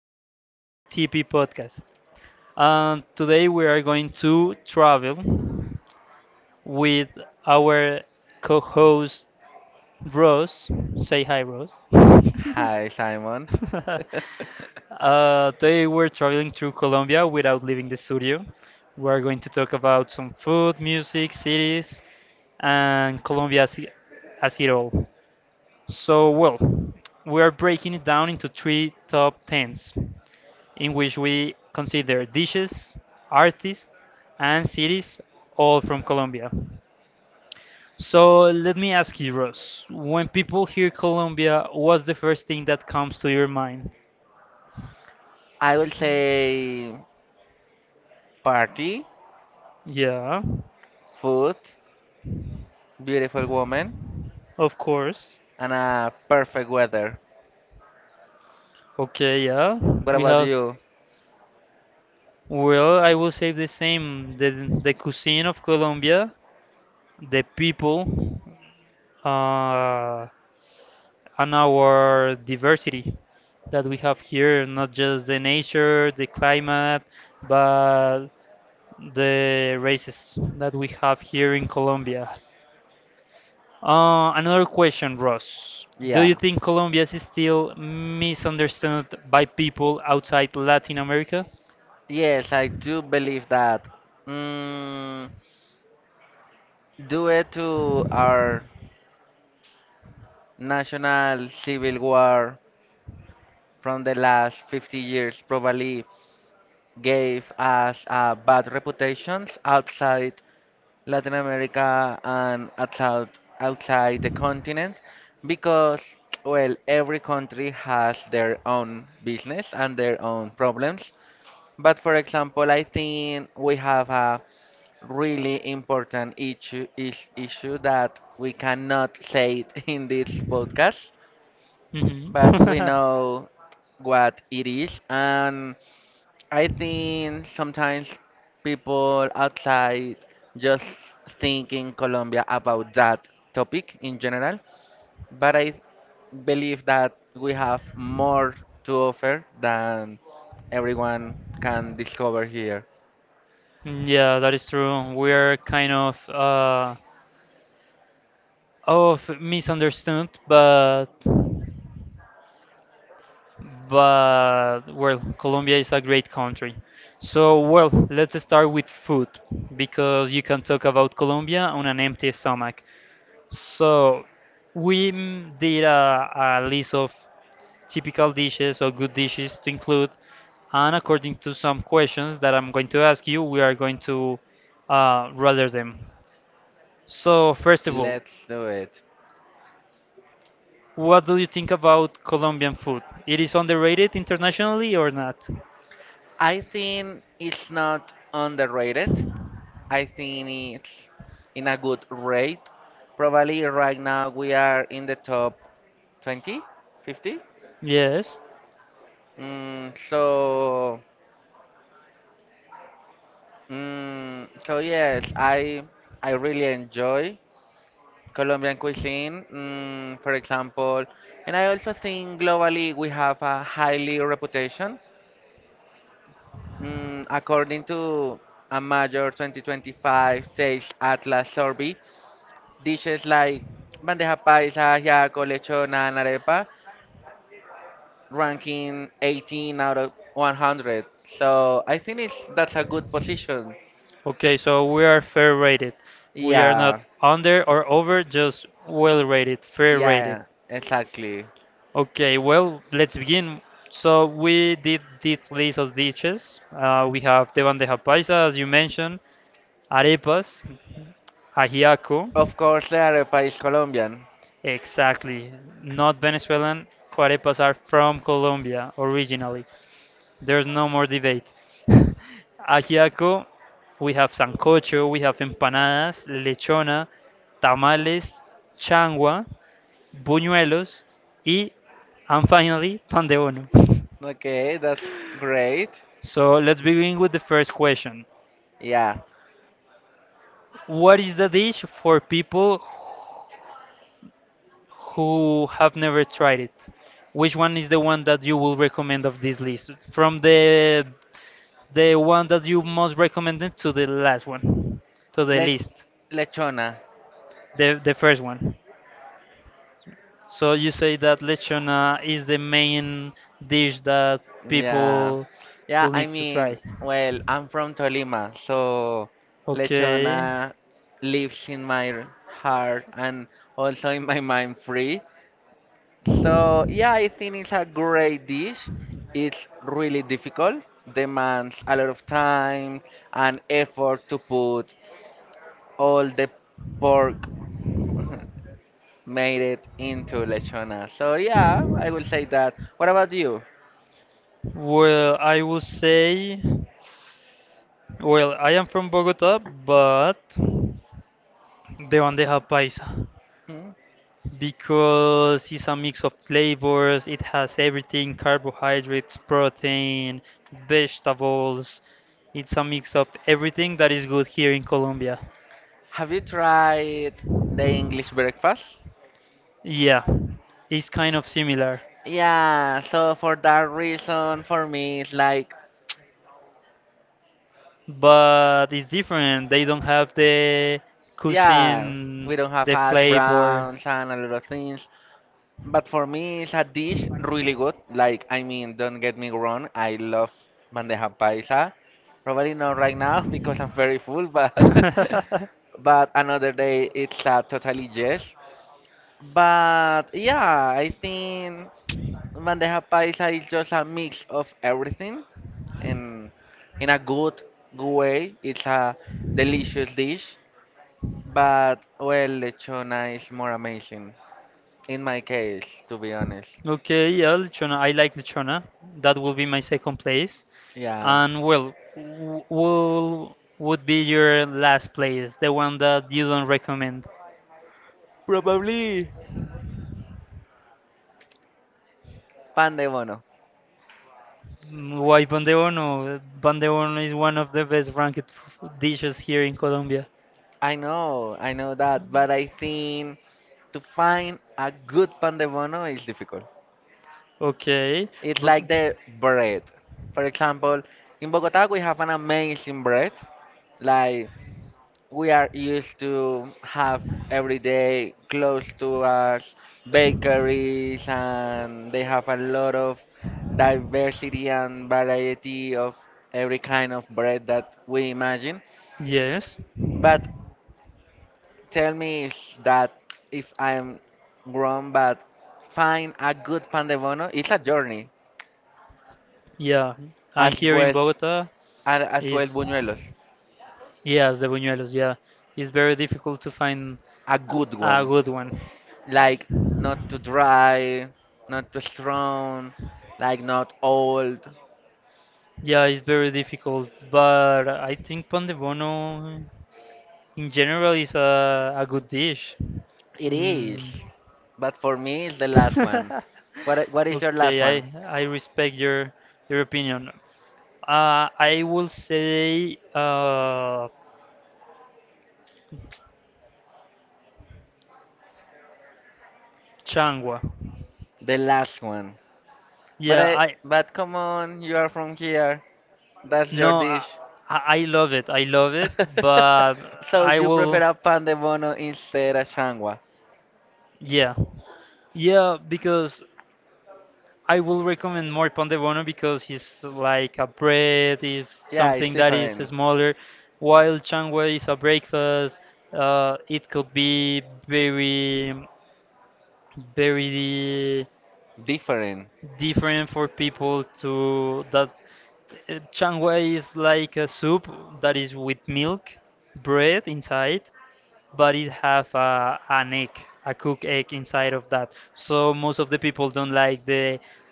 podcast, TP Podcast. And today we are going to travel with our co-host Rose. Say hi, Rose. Hi, Simon. Today we're traveling through Colombia without leaving the studio. We are going to talk about some food, music, cities, and Colombia as it all. So, well, we are breaking it down into three top tens. In which we consider dishes, artists, and cities, all from Colombia. So let me ask you, Ross, when people hear Colombia, what's the first thing that comes to your mind? I will say party, Yeah, food, beautiful woman, of course. and a perfect weather. Okay, yeah. What We about have, you? well, I will say the same. The cuisine of Colombia, the people, uh, and our diversity that we have here, not just the nature, the climate, but the races that we have here in Colombia. Another question, Ross. Do you Yeah. think Colombia is still misunderstood by people outside Latin America? Yes, I do believe that. Mm, Due to our national civil war from the last 50 years, probably gave us a bad reputations outside Latin America and outside the continent because, well, every country has their own business and their own problems. But for example, I think we have a really important issue that we cannot say it in this podcast, Mhm. but we know what it is. And I think sometimes people outside just think in Colombia about that topic in general, but I believe that we have more to offer than everyone can discover here. Yeah, that is true. We're kind of misunderstood, but well, Colombia is a great country. So, well, let's start with food because you can talk about Colombia on an empty stomach. So, we did a list of typical dishes or good dishes to include, and according to some questions that I'm going to ask you, we are going to rather them. So, first of all, Let's do it. what do you think about Colombian food? It is underrated internationally or not? I think it's not underrated. I think it's in a good rate. Probably right now we are in the top 20, 50. Yes. Mm, so, so yes, I really enjoy Colombian cuisine. For example, and I also think globally we have a highly reputation. According to a major 2025 Taste Atlas survey, dishes like bandeja paisa, ajiaco, lechona, and arepa ranking 18 out of 100. So I think it's that's a good position. Okay, so we are fair rated. We are not Yeah. under or over, just well rated, Yeah, fair rated. yeah, exactly. Okay, well, let's begin. So we did this list of dishes. We have the bandeja paisa, as you mentioned, arepas, ajiaco. Of course, they are a Colombian. Exactly, not Venezuelan. Arepas are from Colombia originally. There's no more debate. Ajiaco, we have sancocho, we have empanadas, lechona, tamales, changua, buñuelos, y, and finally, pan de bono. Okay, that's great. So let's begin with the first question. Yeah. What is the dish for people who have never tried it? Which one is the one that you will recommend of this list? From the one that you most recommended to the last one, to the Le list. Lechona. The first one. So you say that lechona is the main dish that Yeah. people Yeah, will I need to try. mean, well, I'm from Tolima, so Okay. lechona lives in my heart and also in my mind free. So, yeah, I think it's a great dish. It's really difficult, demands a lot of time and effort to put all the pork made it into lechona. So yeah, I will say that. What about you? Well, I will say, well, I am from Bogota, but the one bandeja paisa Hmm? because it's a mix of flavors. It has everything: carbohydrates, protein, vegetables. It's a mix of everything that is good here in Colombia. Have you tried the English breakfast? Yeah, it's kind of similar, Yeah, so for that reason, for me, it's like, but it's different. They don't have the yeah, cuisine, we don't have the hash flavor. browns and a lot of things. But for me, it's a dish really good. Like, I mean, don't get me wrong, I love bandeja paisa. Probably not right now because I'm very full, but but another day it's a totally yes. But yeah, I think bandeja paisa is just a mix of everything, and in a good way, it's a delicious dish. But well, lechona is more amazing in my case, to be honest. Okay, yeah, lechona. I like lechona. That will be my second place. Yeah. And well, w- will would be your last place, the one that you don't recommend? Probably. Pandemonium. Why bandeono? Bandeono is one of the best ranked dishes here in Colombia. I know that, but I think to find a good pan de bono is difficult. Okay, It's but like the bread. For example, in Bogota we have an amazing bread. Like we are used to have every day close to us bakeries and they have a lot of diversity and variety of every kind of bread that we imagine. yes, But tell me if I'm wrong, but find a good pan de bono. It's a journey, yeah, as and here in well Bogota as well as is buñuelos. yes, the buñuelos. Yeah, it's very difficult to find A good a one, good one. like not too dry, not too strong, like not old. Yeah, it's very difficult, but I think pan de bono in general is a good dish. It is, Mm. but for me, it's the last one. What is your last Okay, I one? I respect your opinion. I will say Changwa. The last one. But Yeah, I, I but come on, you are from here. That's your no, I, dish. I I love it. I love it, but So I you will. prefer a pan de bono instead of changua? Yeah, yeah, because I will recommend more pan de bono because he's like a bread, is Yeah, it's something that is different. smaller, while changwa is a breakfast. It could be very, very Different. different for people to that. Chang Wei is like a soup that is with milk, bread inside, but it have a an egg, a cooked egg inside of that. So most of the people don't like the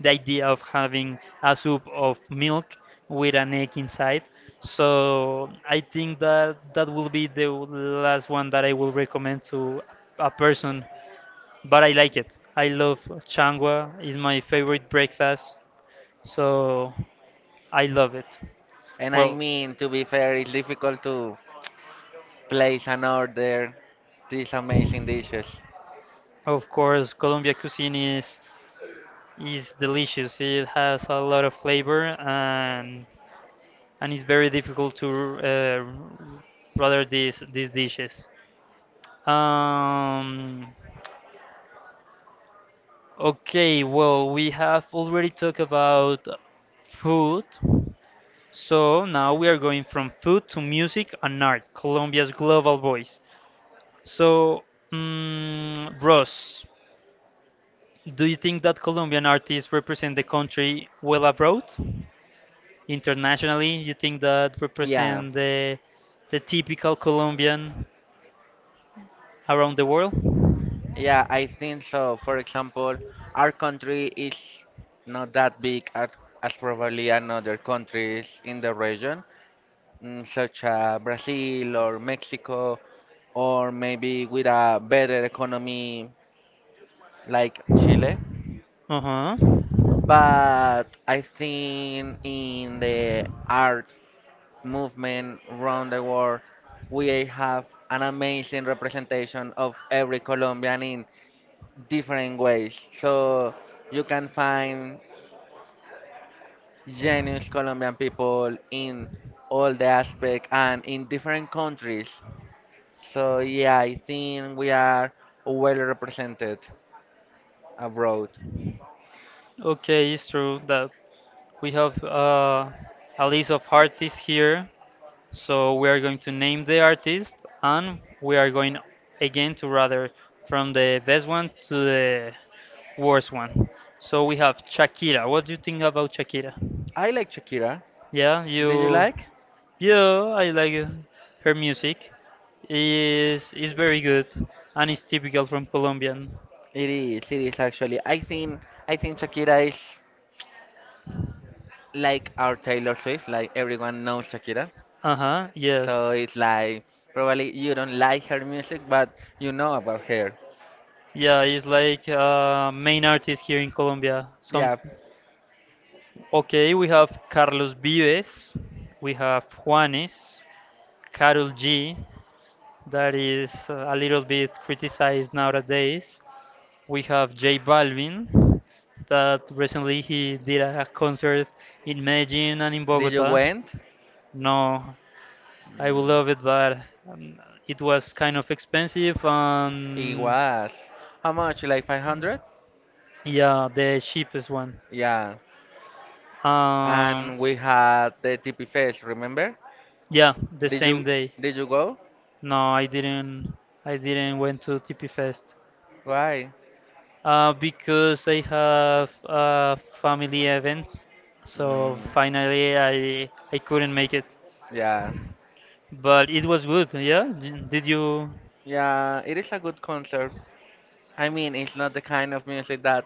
the idea of having a soup of milk with an egg inside. So I think that that will be the last one that I will recommend to a person. But I like it. I love changwa. It's my favorite breakfast. So I love it. And I Well, mean, to be fair, it's difficult to place an order these amazing dishes. of course, Colombia cuisine is delicious. It has a lot of flavor and it's very difficult to rather these dishes. Um, okay, well, we have already talked about food. So now we are going from food to music and art, Colombia's global voice. So, Ross, do you think that Colombian artists represent the country well abroad? Internationally, you think that Yeah. represent the typical Colombian around the world? Yeah, I think so. For example, our country is not that big as probably another countries in the region, such as Brazil or Mexico, or maybe with a better economy like Chile. Uh-huh. But I think in the art movement around the world, we have an amazing representation of every Colombian in different ways. So you can find genuine Colombian people in all the aspect and in different countries. So yeah, I think we are well represented abroad. Okay, it's true that we have a list of artists here. So we are going to name the artist and we are going again to rather from the best one to the worst one. So we have Shakira. What do you think about Shakira? I like Shakira. Yeah, Did you you like? yeah, I like her music. Is very good and it's typical from Colombian. It is actually. I think Shakira is like our Taylor Swift, like everyone knows Shakira. Uh-huh, yes. So it's like probably you don't like her music, but you know about her. Yeah, he's like main artist here in Colombia. Some. Yeah, Okay, we have Carlos Vives, we have Juanes, Karol G, that is a little bit criticized nowadays. We have J Balvin, that recently he did a concert in Medellin and in did you Bogota. went? No, I would Mm, love it, but it was kind of expensive, It and was how much? Like 500? yeah, the cheapest one. Yeah. Um, And we had the TP Fest, remember? yeah, the Did same you day. did you go? No, I didn't. I didn't went to TP Fest Why? Because I have family events. So Mm, finally, I couldn't make it. yeah. But it was good. Yeah. Did you? Yeah, it is a good concert. I mean, it's not the kind of music that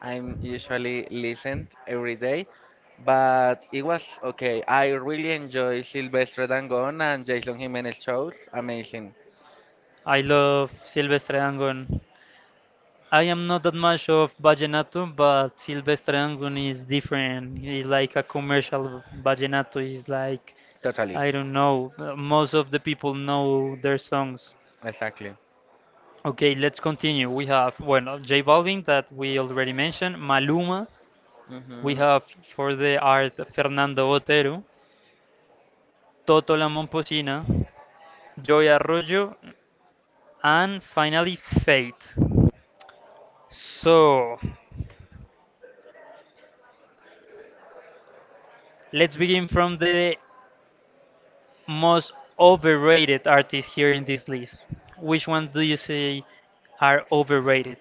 I'm usually listened every day, but it was okay. I really enjoy Silvestre Dangond and Jason Jimenez shows. Amazing. I love Silvestre Angon. I am not that much of vallenato, but Silvestre Angon is different. It's like a commercial vallenato. It's like Totally. I don't know. Most of the people know their songs. Exactly. Okay, let's continue. We have, well, J Balvin that we already mentioned, Maluma, we Hmm. have for the art Fernando Botero, Toto La Momposina, Joy Arroyo, and finally Fate. So, let's begin from the most overrated artists here in this list. Which one do you say are overrated?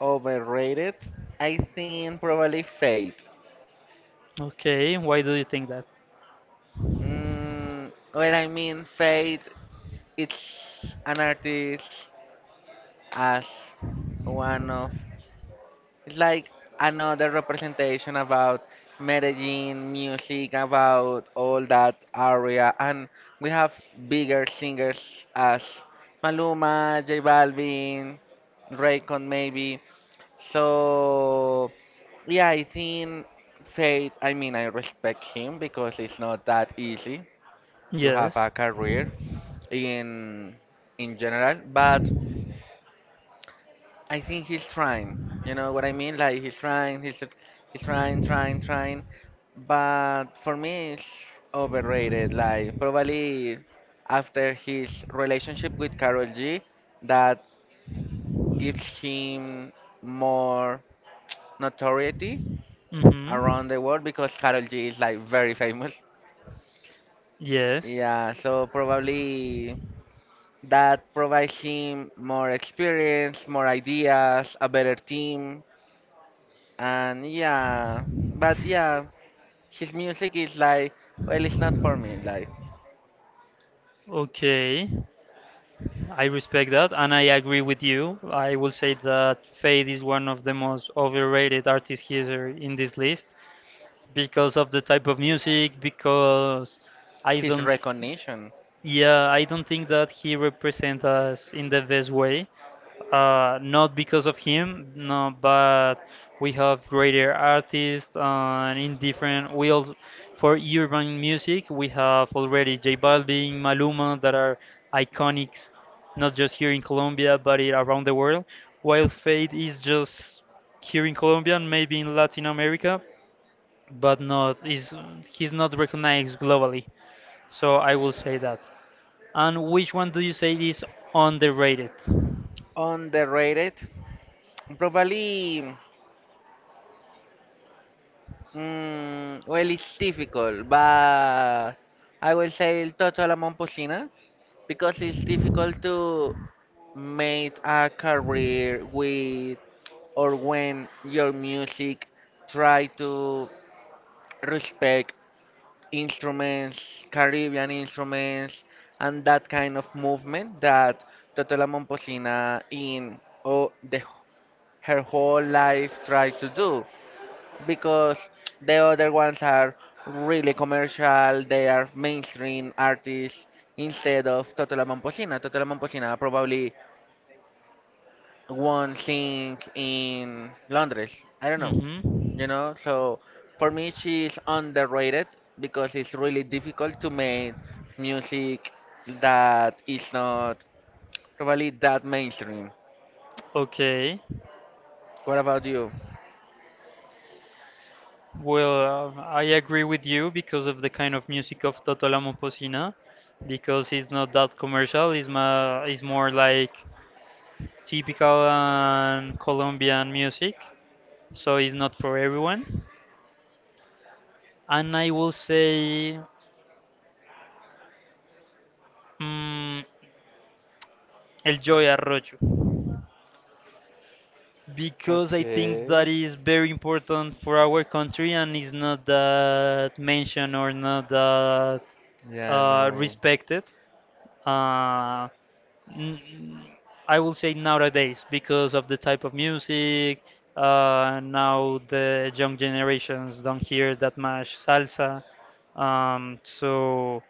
Overrated? I think probably Fate. Okay, why do you think that? Well, I mean, Fate, it's an artist as one of It's like another representation about Medellin music, about all that area, and we have bigger singers as Maluma, J Balvin, Raycon maybe. So yeah, I think Faith. I mean, I respect him because it's not that easy to have Yes. a career in in general, but I think he's trying. You know what I mean? Like he's trying, he's trying, trying, trying. But for me, it's overrated. Like probably after his relationship with Karol G, that gives him more notoriety Mm-hmm. around the world because Karol G is like very famous. Yes. Yeah, so probably that provides him more experience, more ideas, a better team. And yeah, but yeah, his music is like, well, it's not for me. Like Okay. I respect that and I agree with you. I will say that Fade is one of the most overrated artists here in this list because of the type of music, because I his don't. recognition Yeah, I don't think that he represents us in the best way. Not because of him, no, but we have greater artists and in different. We also, for urban music, we have already J Balvin, Maluma that are iconics, not just here in Colombia, but around the world. While Fade is just here in Colombia and maybe in Latin America, but not is he's not recognized globally. So I will say that. And which one do you say is underrated? underrated. Probably, well, it's difficult, but I will say El Toto La Momposina because it's difficult to make a career with or when your music try to respect instruments, Caribbean instruments, and that kind of movement that Totò La Momposina in oh, the, her whole life tried to do. Because the other ones are really commercial, they are mainstream artists instead of Totò La Momposina. Totò La Momposina probably won't sing in Londres. I don't know, Hmm. So for me she's underrated because it's really difficult to make music that is not probably that mainstream. Okay. What about you? Well, I agree with you because of the kind of music of Toto La Momposina, because it's not that commercial. It's more like typical and Colombian music, so it's not for everyone. And I will say mm El Joy Arroyo because I think that Okay. is very important for our country and is not that mentioned or not that Yeah, no. respected. Uh, n- I will say nowadays because of the type of music. Now the young generations don't hear that much salsa. So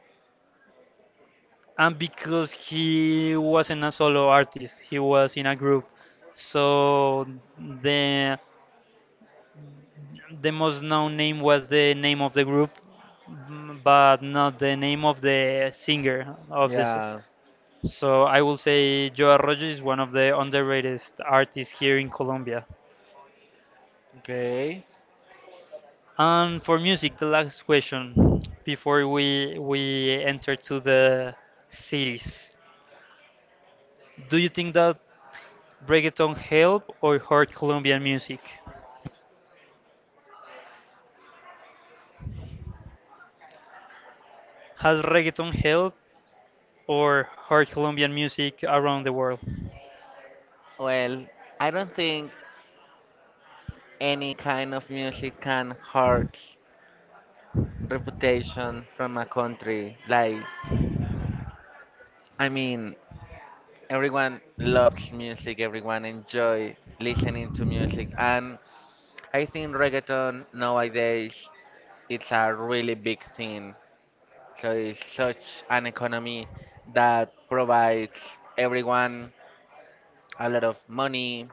and because he wasn't a solo artist, he was in a group. So the the most known name was the name of the group, but not the name of the singer of this. Yeah. So I will say Joe Arroyo is one of the underrated artists here in Colombia. Okay. And for music, the last question before we enter to the series. Do you think that reggaeton help or hurt Colombian music? Has reggaeton helped or heard Colombian music around the world? Well, I don't think any kind of music can hurt reputation from a country. Like, I mean, everyone loves music, everyone enjoy listening to music, and I think reggaeton nowadays it's a really big thing. So it's such an economy that provides everyone a lot of money,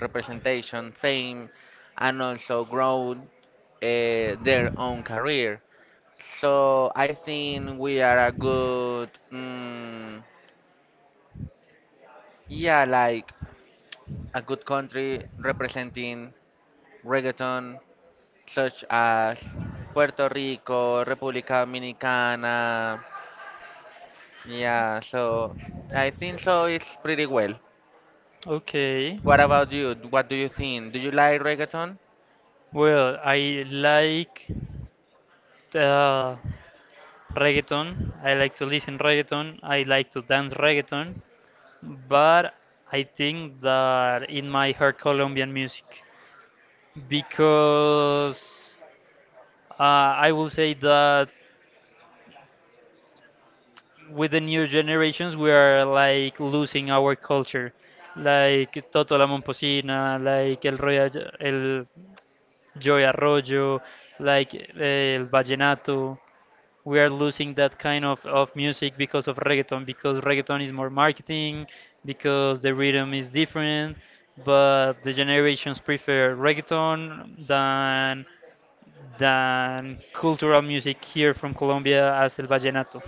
representation, fame, and also grow their own career. So I think we are a good, mm, yeah, like a good country representing reggaeton, such as Puerto Rico, República Dominicana. Yeah, so I think so. It's pretty well. Okay. What about you? What do you think? Do you like reggaeton? Well, I like uh, reggaeton. I like to listen reggaeton. I like to dance reggaeton. But I think that in my heart Colombian music, because I will say that with the new generations we are like losing our culture, like Toto la Momposina, like el, Roya, el Joy Arroyo, like el vallenato. We are losing that kind of music because of reggaeton, because reggaeton is more marketing, because the rhythm is different, but the generations prefer reggaeton than cultural music here from Colombia as el vallenato.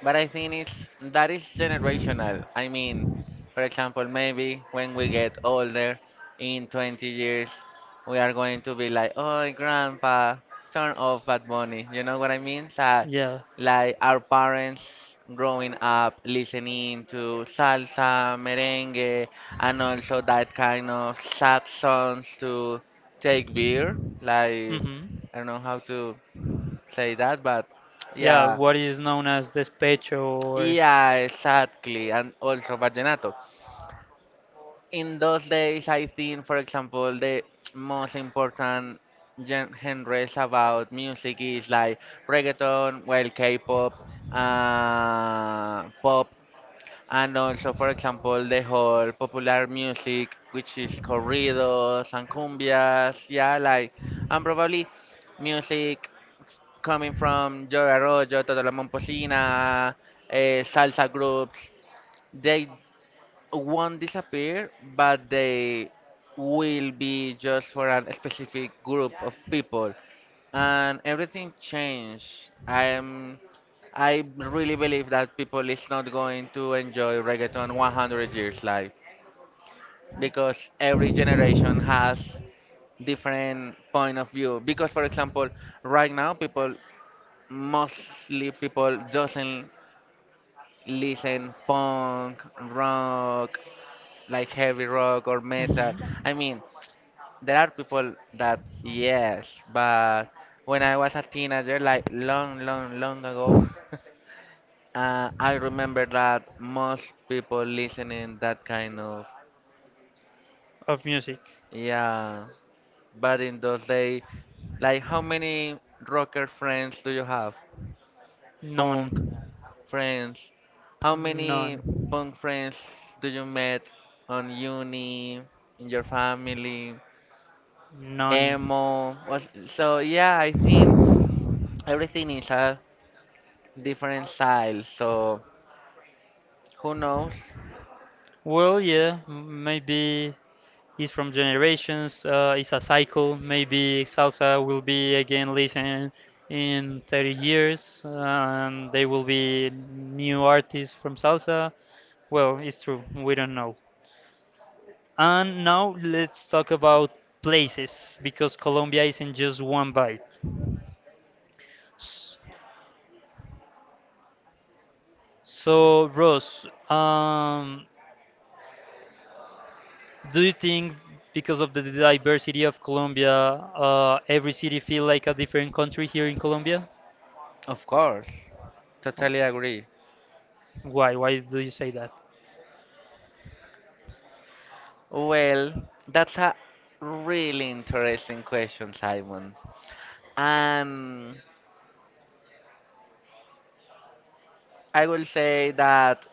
But I think it's that is generational. I mean, for example, maybe when we get older, in 20 years, we are going to be like, "Oh, grandpa, turn off Bad Bunny." You know what I mean? So, Yeah. like our parents growing up listening to salsa, merengue, and also that kind of sad songs to take beer. Like Mhm. I don't know how to say that, but Yeah, yeah, what is known as despecho or. yeah, exactly, and also vallenato. In those days, I think, for example, the most important genres about music is like reggaeton, well, K-pop, pop, and also, for example, the whole popular music, which is corridos and cumbias, yeah, like, and probably music coming from Joe Arroyo, Toto La Momposina, salsa groups, they won't disappear, but they will be just for a specific group of people. And everything changed. I really believe that people is not going to enjoy reggaeton 100 years live because every generation has different point of view. Because for example, right now people mostly people doesn't listen punk, rock, like heavy rock or Mhm. metal. I mean, there are people that yes, but when I was a teenager, like long, long, long ago, I remember that most people listening that kind of Of music. yeah. But in those days, like how many rocker friends do you have? Punk None. friends. How many None. punk friends do you met on uni, in your family, None. emo? So yeah, I think everything is a different style. So who knows? Well, yeah, maybe it's from generations. It's a cycle. Maybe salsa will be again listened in 30 years, and there will be new artists from salsa. Well, it's true. We don't know. And now let's talk about places because Colombia isn't just one bite. S- So, Ross, do you think because of the diversity of Colombia, every city feel like a different country here in Colombia? Of course, Oh, totally agree. why? Why do you say that? Well, that's a really interesting question, Simon. And I will say that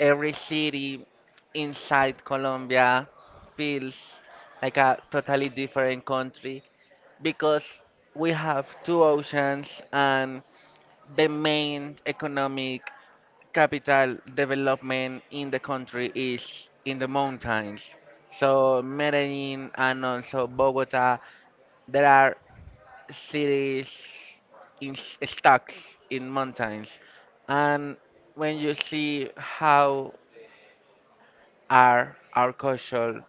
every city inside Colombia feels like a totally different country because we have two oceans and the main economic capital development in the country is in the mountains. So Medellin and also Bogota, there are cities stuck in mountains. And when you see how are our culture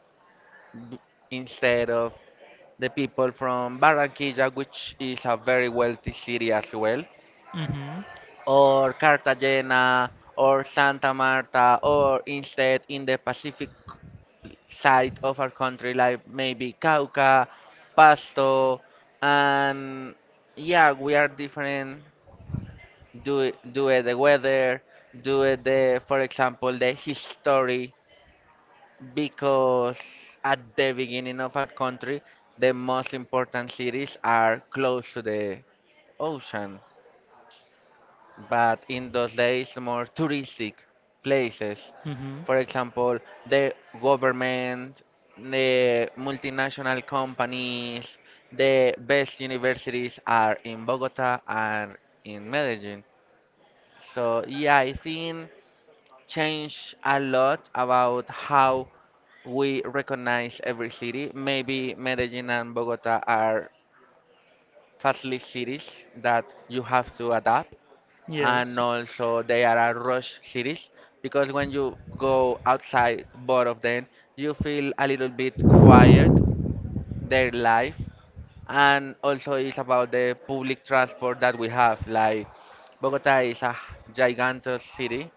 b- instead of the people from Barranquilla, which is a very wealthy city as well, Mm-hmm. or Cartagena, or Santa Marta, or instead in the Pacific side of our country, like maybe Cauca, Pasto, and yeah, we are different. Do it the weather, for example, the history because at the beginning of a country, the most important cities are close to the ocean, but in those days, more touristic places. Mm-hmm. For example, the government, the multinational companies, the best universities are in Bogota and in Medellin. So yeah, I think changed a lot about how we recognize every city. Maybe Medellin and Bogota are fastly cities that you have to adapt, Yes. and also they are a rush cities because when you go outside both of them, you feel a little bit quiet their life, and also it's about the public transport that we have. Like Bogota is a gigantic city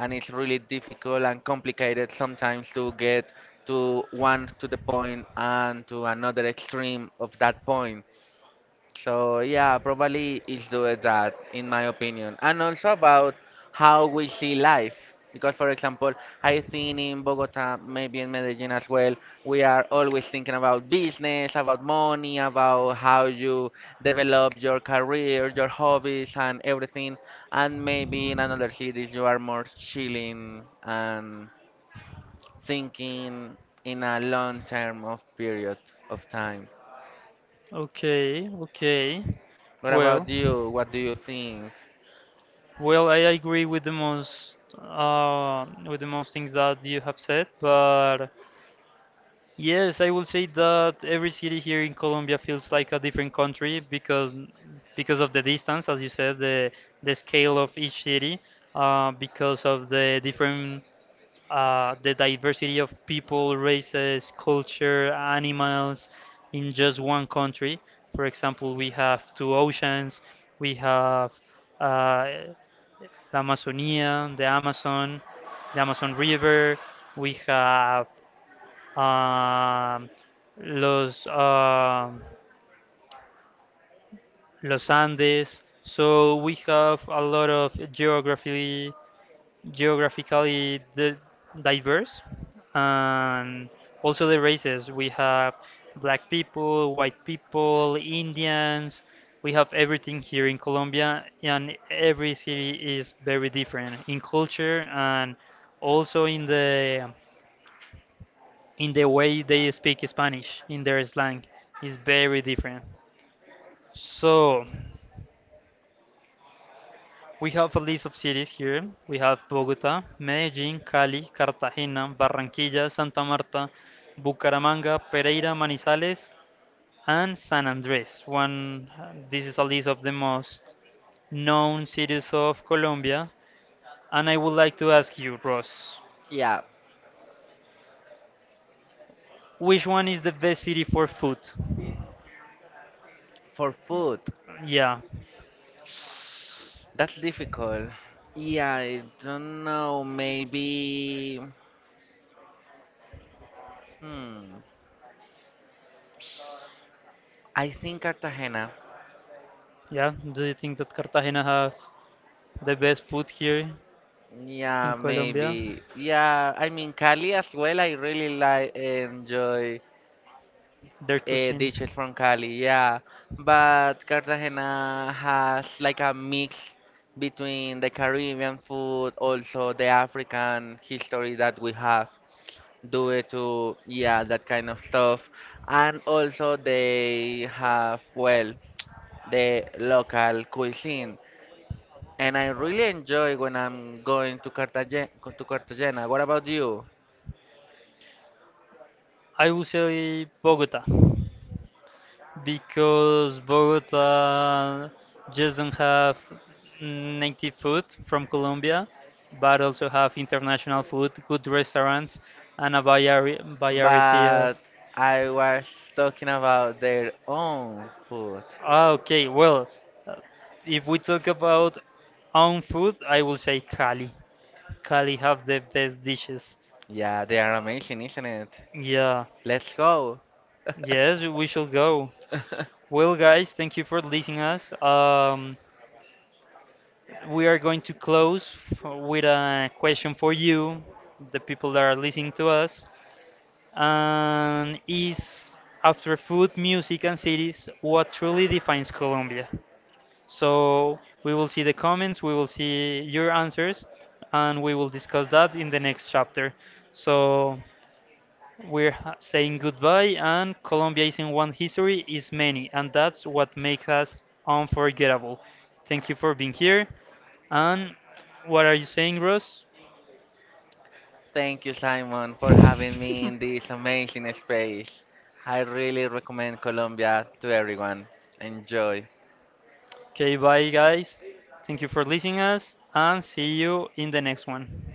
and it's really difficult and complicated sometimes to get to the point and to another extreme of that point. So yeah, probably it's doing that in my opinion. And also about how we see life. Because for example, I think in Bogota, maybe in Medellin as well, we are always thinking about business, about money, about how you develop your career, your hobbies and everything. And maybe in another cities you are more chilling and thinking in a long term of period of time. Okay. Okay. What about Well. you? What do you think? Well, I agree with the most things that you have said, but yes, I will say that every city here in Colombia feels like a different country because of the distance, as you said, the scale of each city, because of the diversity of people, races, culture, animals in just one country. For example, we have two oceans, we have uh, the Amazonia, the Amazon River. We have um, los um los Andes. So we have a lot of geographically diverse, and also the races. We have black people, white people, Indians. We have everything here in Colombia, and every city is very different in culture and also in the way they speak Spanish, in their slang, is very different. So, we have a list of cities here. We have Bogota, Medellin, Cali, Cartagena, Barranquilla, Santa Marta, Bucaramanga, Pereira, Manizales, and San Andres. One, this is a list of the most known cities of Colombia. And I would like to ask you, Ross, Yeah, which one is the best city for food? for food, Yeah, that's difficult. Yeah, I don't know. Maybe. Hmm. I think Cartagena. yeah. Do you think that Cartagena has? The best food here in Yeah, Colombia, maybe. Yeah, I mean Cali as well. I really enjoy their cuisine. dishes from Cali. Yeah, but Cartagena has like a mix between the Caribbean food, also the African history that we have. Do it to yeah that kind of stuff, and also they have well the local cuisine, and I really enjoy when I'm going to Cartagena. What about you? I would say Bogota because Bogota just don't have native food from Colombia, but also have international food, good restaurants, and a variety of. But I was talking about their own food. Ah, okay, well, uh, if we talk about own food, I will say Cali have the best dishes. Yeah, they are amazing, isn't it? Yeah. Let's go. Yes, we should go. Well, guys, thank you for listening us. We are going to close with a question for you, the people that are listening to us. And is after food, music, and cities, what truly defines Colombia? So we will see the comments, we will see your answers, and we will discuss that in the next chapter. So we're saying goodbye, and Colombia isn't one history, is many, and that's what makes us unforgettable. Thank you for being here. And what are you saying, Ross? Thank you, Simon, for having me in this amazing space. I really recommend Colombia to everyone. Enjoy. Okay, bye, guys. Thank you for listening us, and see you in the next one.